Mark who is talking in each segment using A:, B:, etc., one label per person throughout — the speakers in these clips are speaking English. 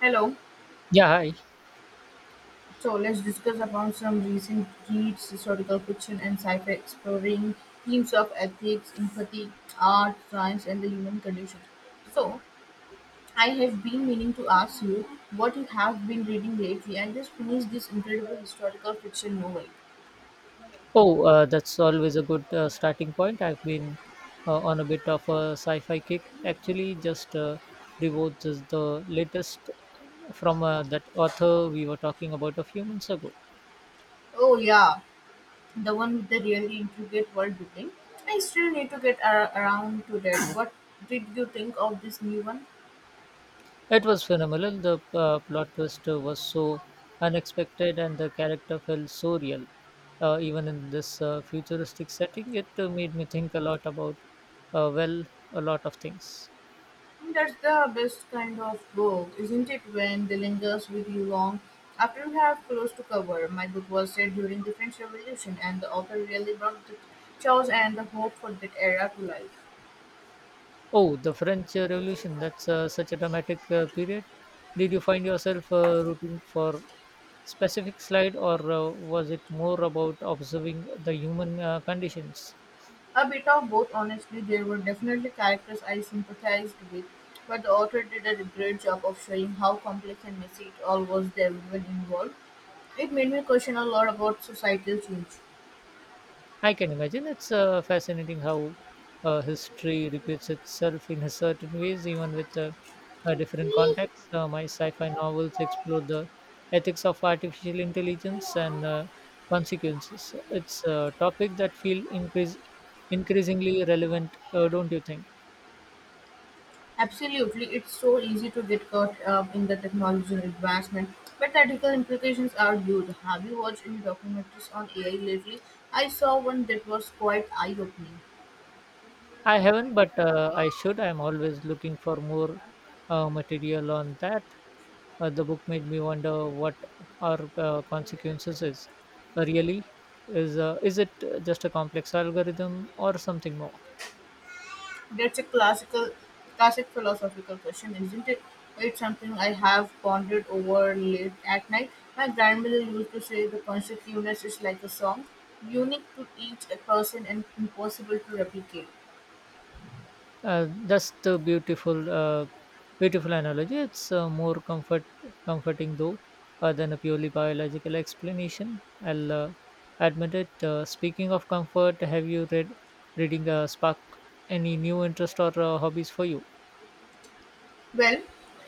A: Hello.
B: Yeah, hi.
A: So let's discuss about some recent reads, historical fiction, and sci-fi exploring themes of ethics, empathy, art, science, and the human condition. So I have been meaning to ask you what you have been reading lately. I just finished this incredible historical fiction novel.
B: Oh, that's always a good starting point. I've been on a bit of a sci-fi kick. Actually, just devoured just the latest from that author we were talking about a few months ago.
A: Oh yeah, the one with the really intricate world building. I still need to get around to that. What did you think of this new one?
B: It was phenomenal. The plot twist was so unexpected, and the character felt so real. Even in this futuristic setting, it made me think a lot about, well, a lot of things.
A: That's the best kind of book, isn't it? When they lingers with you long after you have close to cover. My book was set during the French Revolution, and the author really brought the chaos and the hope for that era to life.
B: Oh, the French Revolution, that's such a dramatic period. Did you find yourself rooting for specific slide or was it more about observing the human conditions?
A: A bit of both, honestly. There were definitely characters I sympathized with, but the author did a great job of showing how complex and messy it all was. They everyone involved. It made me question a lot about societal
B: I can imagine. It's fascinating how history repeats itself in a certain ways, even with different
A: change.
B: contexts. My sci-fi novels explore the ethics of artificial intelligence and consequences. It's a topic that feel increasingly relevant, don't you think?
A: Absolutely, it's so easy to get caught up in the technology and advancement, but the ethical implications are huge. Have you watched any documentaries on AI lately? I saw one that was quite eye-opening.
B: I haven't, but I should. I'm always looking for more material on that. The book made me wonder what our consequences is. Really is it just a complex algorithm or something more.
A: That's a classical, classic philosophical question, isn't it? It's something I have pondered over late at night. My grandmother used to say the consciousness is like a song, unique to each person and impossible to replicate.
B: uh, that's the beautiful analogy. It's more comforting though, than a purely biological explanation I'll admit it. Speaking of comfort, have you reading spark any new interest or hobbies for you?
A: Well,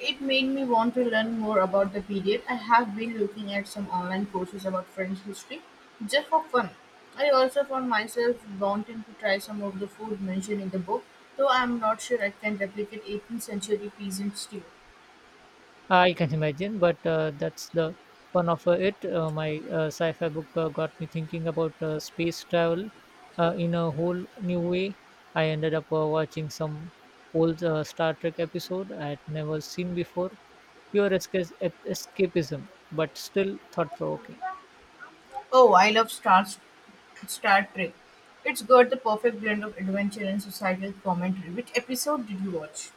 A: it made me want to learn more about the period. I have been looking at some online courses about French history just for fun. I also found myself wanting to try some of the food mentioned in the book, though I'm not sure I can replicate 18th century peasant stew.
B: I can imagine, but that's the fun of it. My sci-fi book got me thinking about space travel in a whole new way. I ended up watching some old Star Trek episode I had never seen before. Pure escapism, but still thought-provoking.
A: Oh, I love Star, Star Trek. It's got the perfect blend of adventure and societal commentary. Which episode did you watch?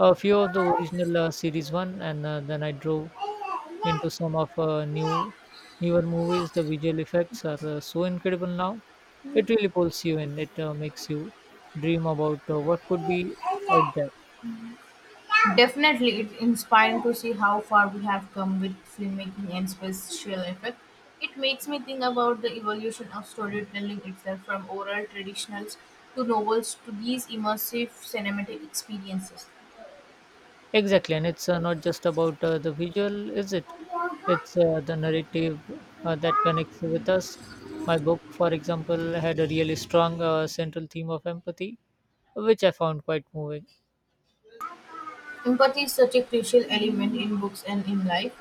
B: A few of the original series one, and then I drove into some of newer movies. The visual effects are so incredible now. It really pulls you in. It makes you dream about what could be out there.
A: Definitely, it's inspiring to see how far we have come with filmmaking and special effect. It makes me think about the evolution of storytelling itself from oral traditionals to novels to these immersive cinematic experiences.
B: Exactly, and it's not just about the visual, is it? It's the narrative that connects with us. My book, for example, had a really strong central theme of empathy, which I found quite moving.
A: Empathy is such a crucial element in books and in life.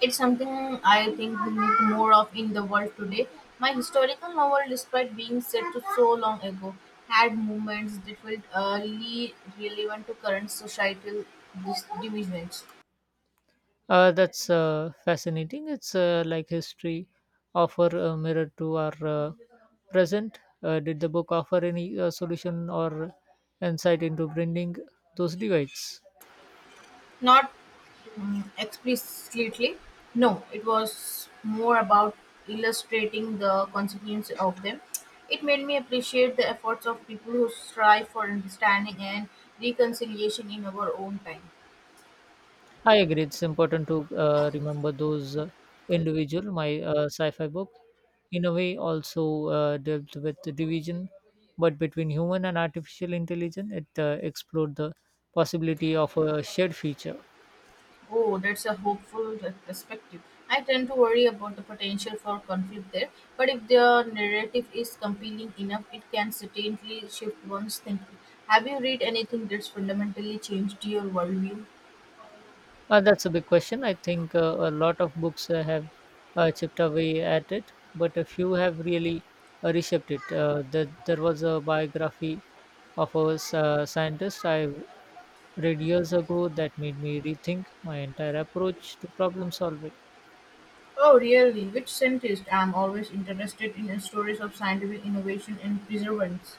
A: It's something I think we need more of in the world today. My historical novel, despite being set to so long ago, had moments that felt early relevant to current societal divisions.
B: That's fascinating. It's like history offer a mirror to our present. Did the book offer any solution or insight into bringing those divides?
A: Not explicitly, no, it was more about illustrating the consequences of them. It made me appreciate the efforts of people who strive for understanding and reconciliation in our own time.
B: I agree. It's important to remember those individual. My sci-fi book, in a way, also dealt with the division, but between human and artificial intelligence, it explored the possibility of a shared future.
A: Oh, that's a hopeful perspective. I tend to worry about the potential for conflict there, but if the narrative is compelling enough, it can certainly shift one's thinking. Have you read anything that's fundamentally changed your worldview?
B: That's a big question. I think a lot of books have chipped away at it, but a few have really reshaped it. There was a biography of a scientist I read years ago that made me rethink my entire approach to problem solving.
A: Oh, really? Which scientist? I'm always interested in stories of scientific innovation and perseverance.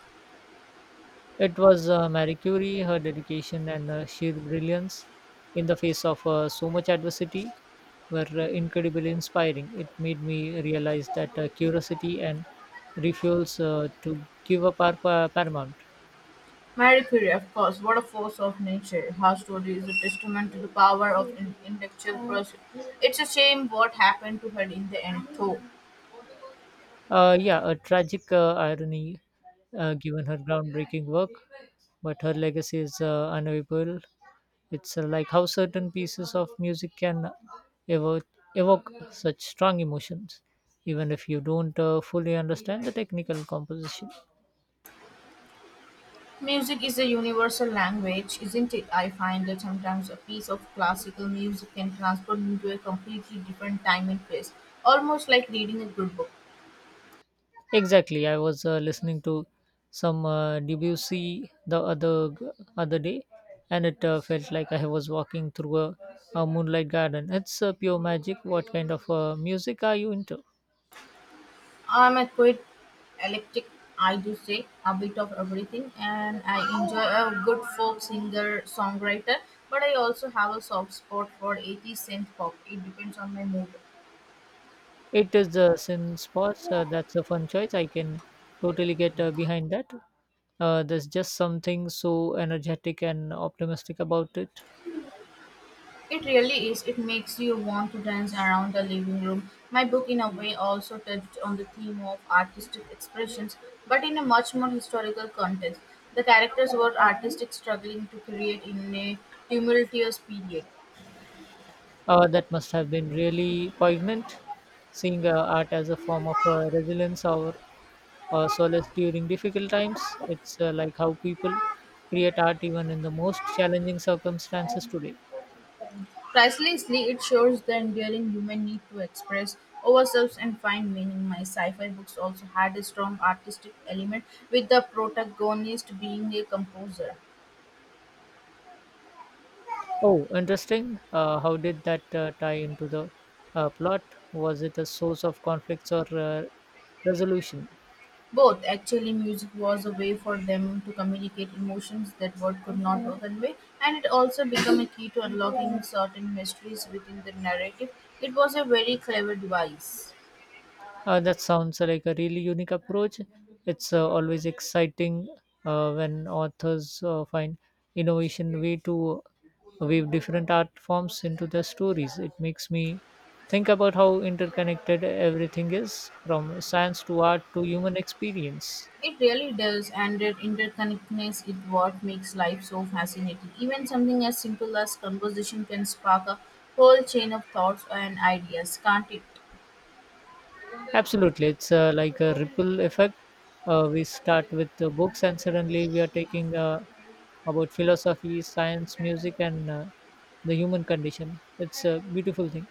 B: It was Marie Curie, her dedication and sheer brilliance in the face of so much adversity were incredibly inspiring. It made me realize that curiosity and refusals to give up are paramount.
A: Marie Curie, of course, what a force of nature. Her story is a testament to the power of intellectual pursuit. It's a shame what happened to her in the end, though.
B: Yeah, a tragic irony given her groundbreaking work, but her legacy is unavailable. It's like how certain pieces of music can evoke, evoke such strong emotions, even if you don't fully understand the technical composition.
A: Music is a universal language, isn't it? I find that sometimes a piece of classical music can transport me to a completely different time and place, almost like reading a good book.
B: Exactly, I was listening to some Debussy the other day, and it felt like I was walking through a moonlight garden. It's pure magic. What kind of music are you into?
A: I'm a quite eclectic, I do say, a bit of everything, and I enjoy a good folk singer songwriter, but I also have a soft spot for 80s synth pop. It depends on my mood.
B: It is the sin spots. That's a fun choice. I can totally get behind that. There's just something so energetic and optimistic about it.
A: It really is. It makes you want to dance around the living room. My book, in a way, also touched on the theme of artistic expressions, but in a much more historical context. The characters were artistic struggling to create in a tumultuous period.
B: That must have been really poignant, seeing art as a form of resilience or solace during difficult times. It's like how people create art even in the most challenging circumstances today.
A: Pricelessly, it shows the enduring human need to express ourselves and find meaning. My sci-fi books also had a strong artistic element, with the protagonist being a composer.
B: Oh, interesting. How did that tie into the plot? Was it a source of conflicts or resolution?
A: Both actually, music was a way for them to communicate emotions that word could not convey, and it also became a key to unlocking certain mysteries within the narrative. It was a very clever device.
B: That sounds like a really unique approach. It's always exciting when authors find innovation way to weave different art forms into their stories. It makes me think about how interconnected everything is, from science to art to human experience.
A: It really does, and that interconnectedness is what makes life so fascinating. Even something as simple as conversation can spark a whole chain of thoughts and ideas, can't it?
B: Absolutely, it's like a ripple effect. We start with the books, and suddenly we are taking about philosophy, science, music, and the human condition. It's a beautiful thing.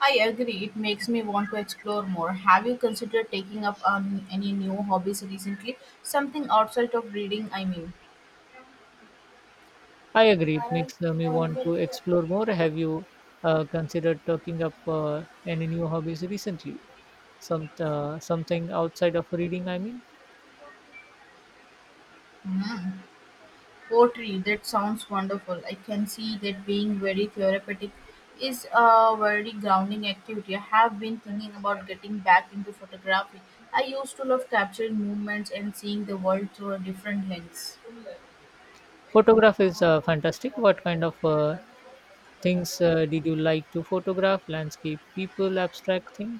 A: I agree, it makes me want to explore more. Have you considered taking up on any new hobbies recently? Something outside of reading, I mean.
B: I agree. It makes me want to explore more. Have you considered talking up any new hobbies recently? Something outside of reading. I mean,
A: Poetry, that sounds wonderful. I can see that being very therapeutic is a very grounding activity. I have been thinking about getting back into photography. I used to love capturing movements and seeing the world through a different lens.
B: photograph is fantastic. What kind of things did you like to photograph? Landscape, people, abstract thing.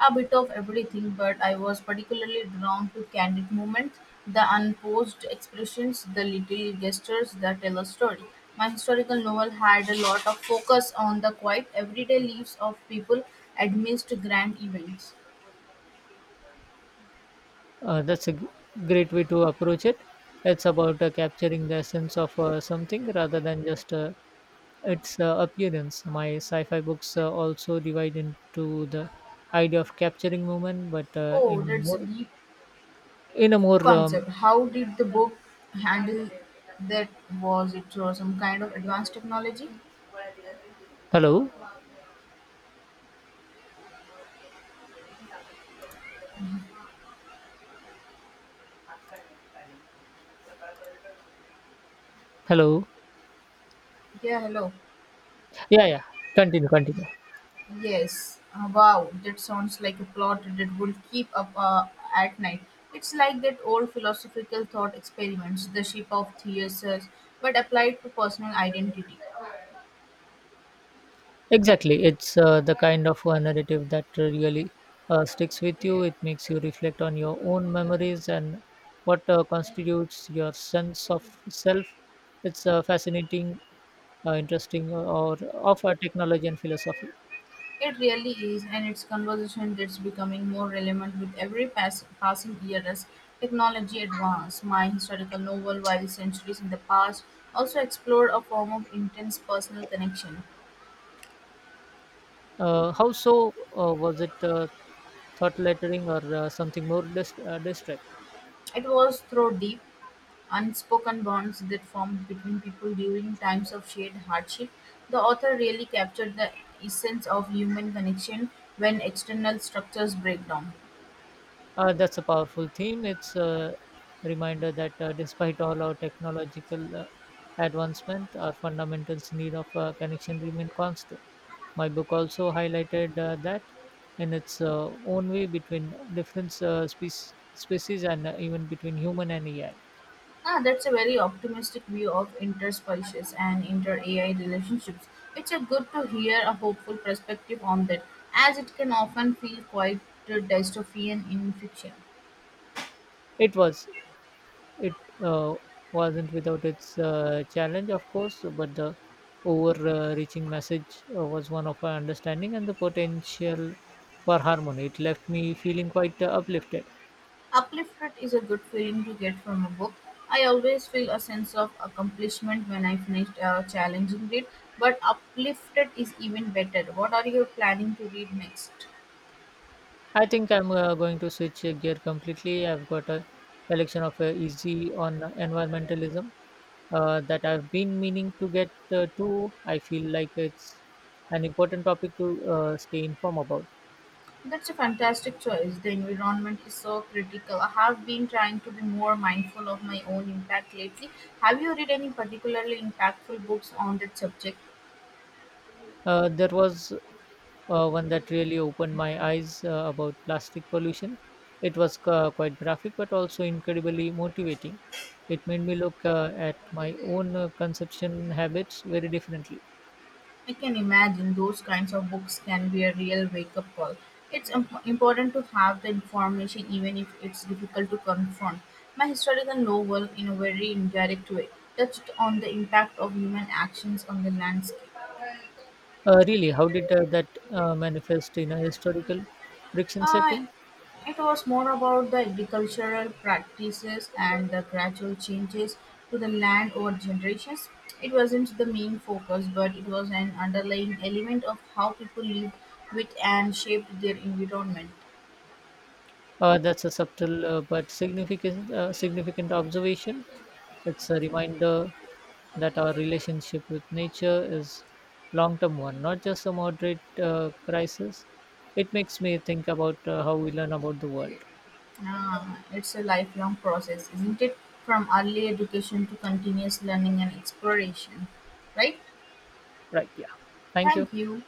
A: A bit of everything, but I was particularly drawn to candid movements, the unposed expressions, the little gestures that tell a story. My historical novel had a lot of focus on the quiet, everyday lives of people amidst grand events.
B: That's a great way to approach it. It's about capturing the essence of something rather than just its appearance. My sci fi books also divide into the idea of capturing movement, but
A: Oh, that's a deep
B: in a more,
A: concept. How did the book handle that? Was it through some kind of advanced technology?
B: hello, hello.
A: Yeah, hello.
B: Yeah, yeah, continue.
A: Yes. Wow, that sounds like a plot that will keep up at night. It's like that old philosophical thought experiments, the ship of Theseus, but applied to personal identity.
B: Exactly. It's the kind of a narrative that really sticks with you. It makes you reflect on your own memories and what constitutes your sense of self. It's interesting, or of technology and philosophy.
A: It really is, and it's conversation that's becoming more relevant with every passing year as technology advances. My historical novel, while centuries in the past, also explored a form of intense personal connection.
B: How so? Was it thought lettering or something more distract?
A: It was through deep, unspoken bonds that formed between people during times of shared hardship. The author really captured the essence of human connection when external structures break down.
B: That's a powerful theme. It's a reminder that despite all our technological advancement, our fundamentals need of connection remain constant. My book also highlighted that in its own way between different species and even between human and AI.
A: Ah, that's a very optimistic view of interspecies and inter-AI relationships. It's a good to hear a hopeful perspective on that, as it can often feel quite dystopian in fiction.
B: It was It uh, wasn't without its challenge, of course, but the overreaching message was one of our understanding and the potential for harmony. It left me feeling quite uplifted.
A: Upliftment is a good feeling to get from a book. I always feel a sense of accomplishment when I finish a challenging read, but uplifted is even better. What are you planning to read next?
B: I think I'm going to switch gear completely. I've got a collection of easy on environmentalism that I've been meaning to get to. I feel like it's an important topic to stay informed about.
A: That's a fantastic choice. The environment is so critical. I have been trying to be more mindful of my own impact lately. Have you read any particularly impactful books on that subject?
B: There was one that really opened my eyes about plastic pollution. It was quite graphic but also incredibly motivating. It made me look at my own consumption habits very differently.
A: I can imagine those kinds of books can be a real wake up call. It's important to have the information even if it's difficult to confront. My historical novel, in a very indirect way, touched on the impact of human actions on the landscape.
B: Really, how did that manifest in a historical friction
A: Uh,
B: setting?
A: It was more about the agricultural practices and the gradual changes to the land over generations. It wasn't the main focus, but it was an underlying element of how people lived with and shaped their environment.
B: That's a subtle but significant observation. It's a reminder that our relationship with nature is long-term one, not just a moderate crisis. It makes me think about how we learn about the world.
A: Ah, it's a lifelong process, isn't it? From early education to continuous learning and exploration. Right?
B: Right? Yeah. Thank you.
A: Thank you.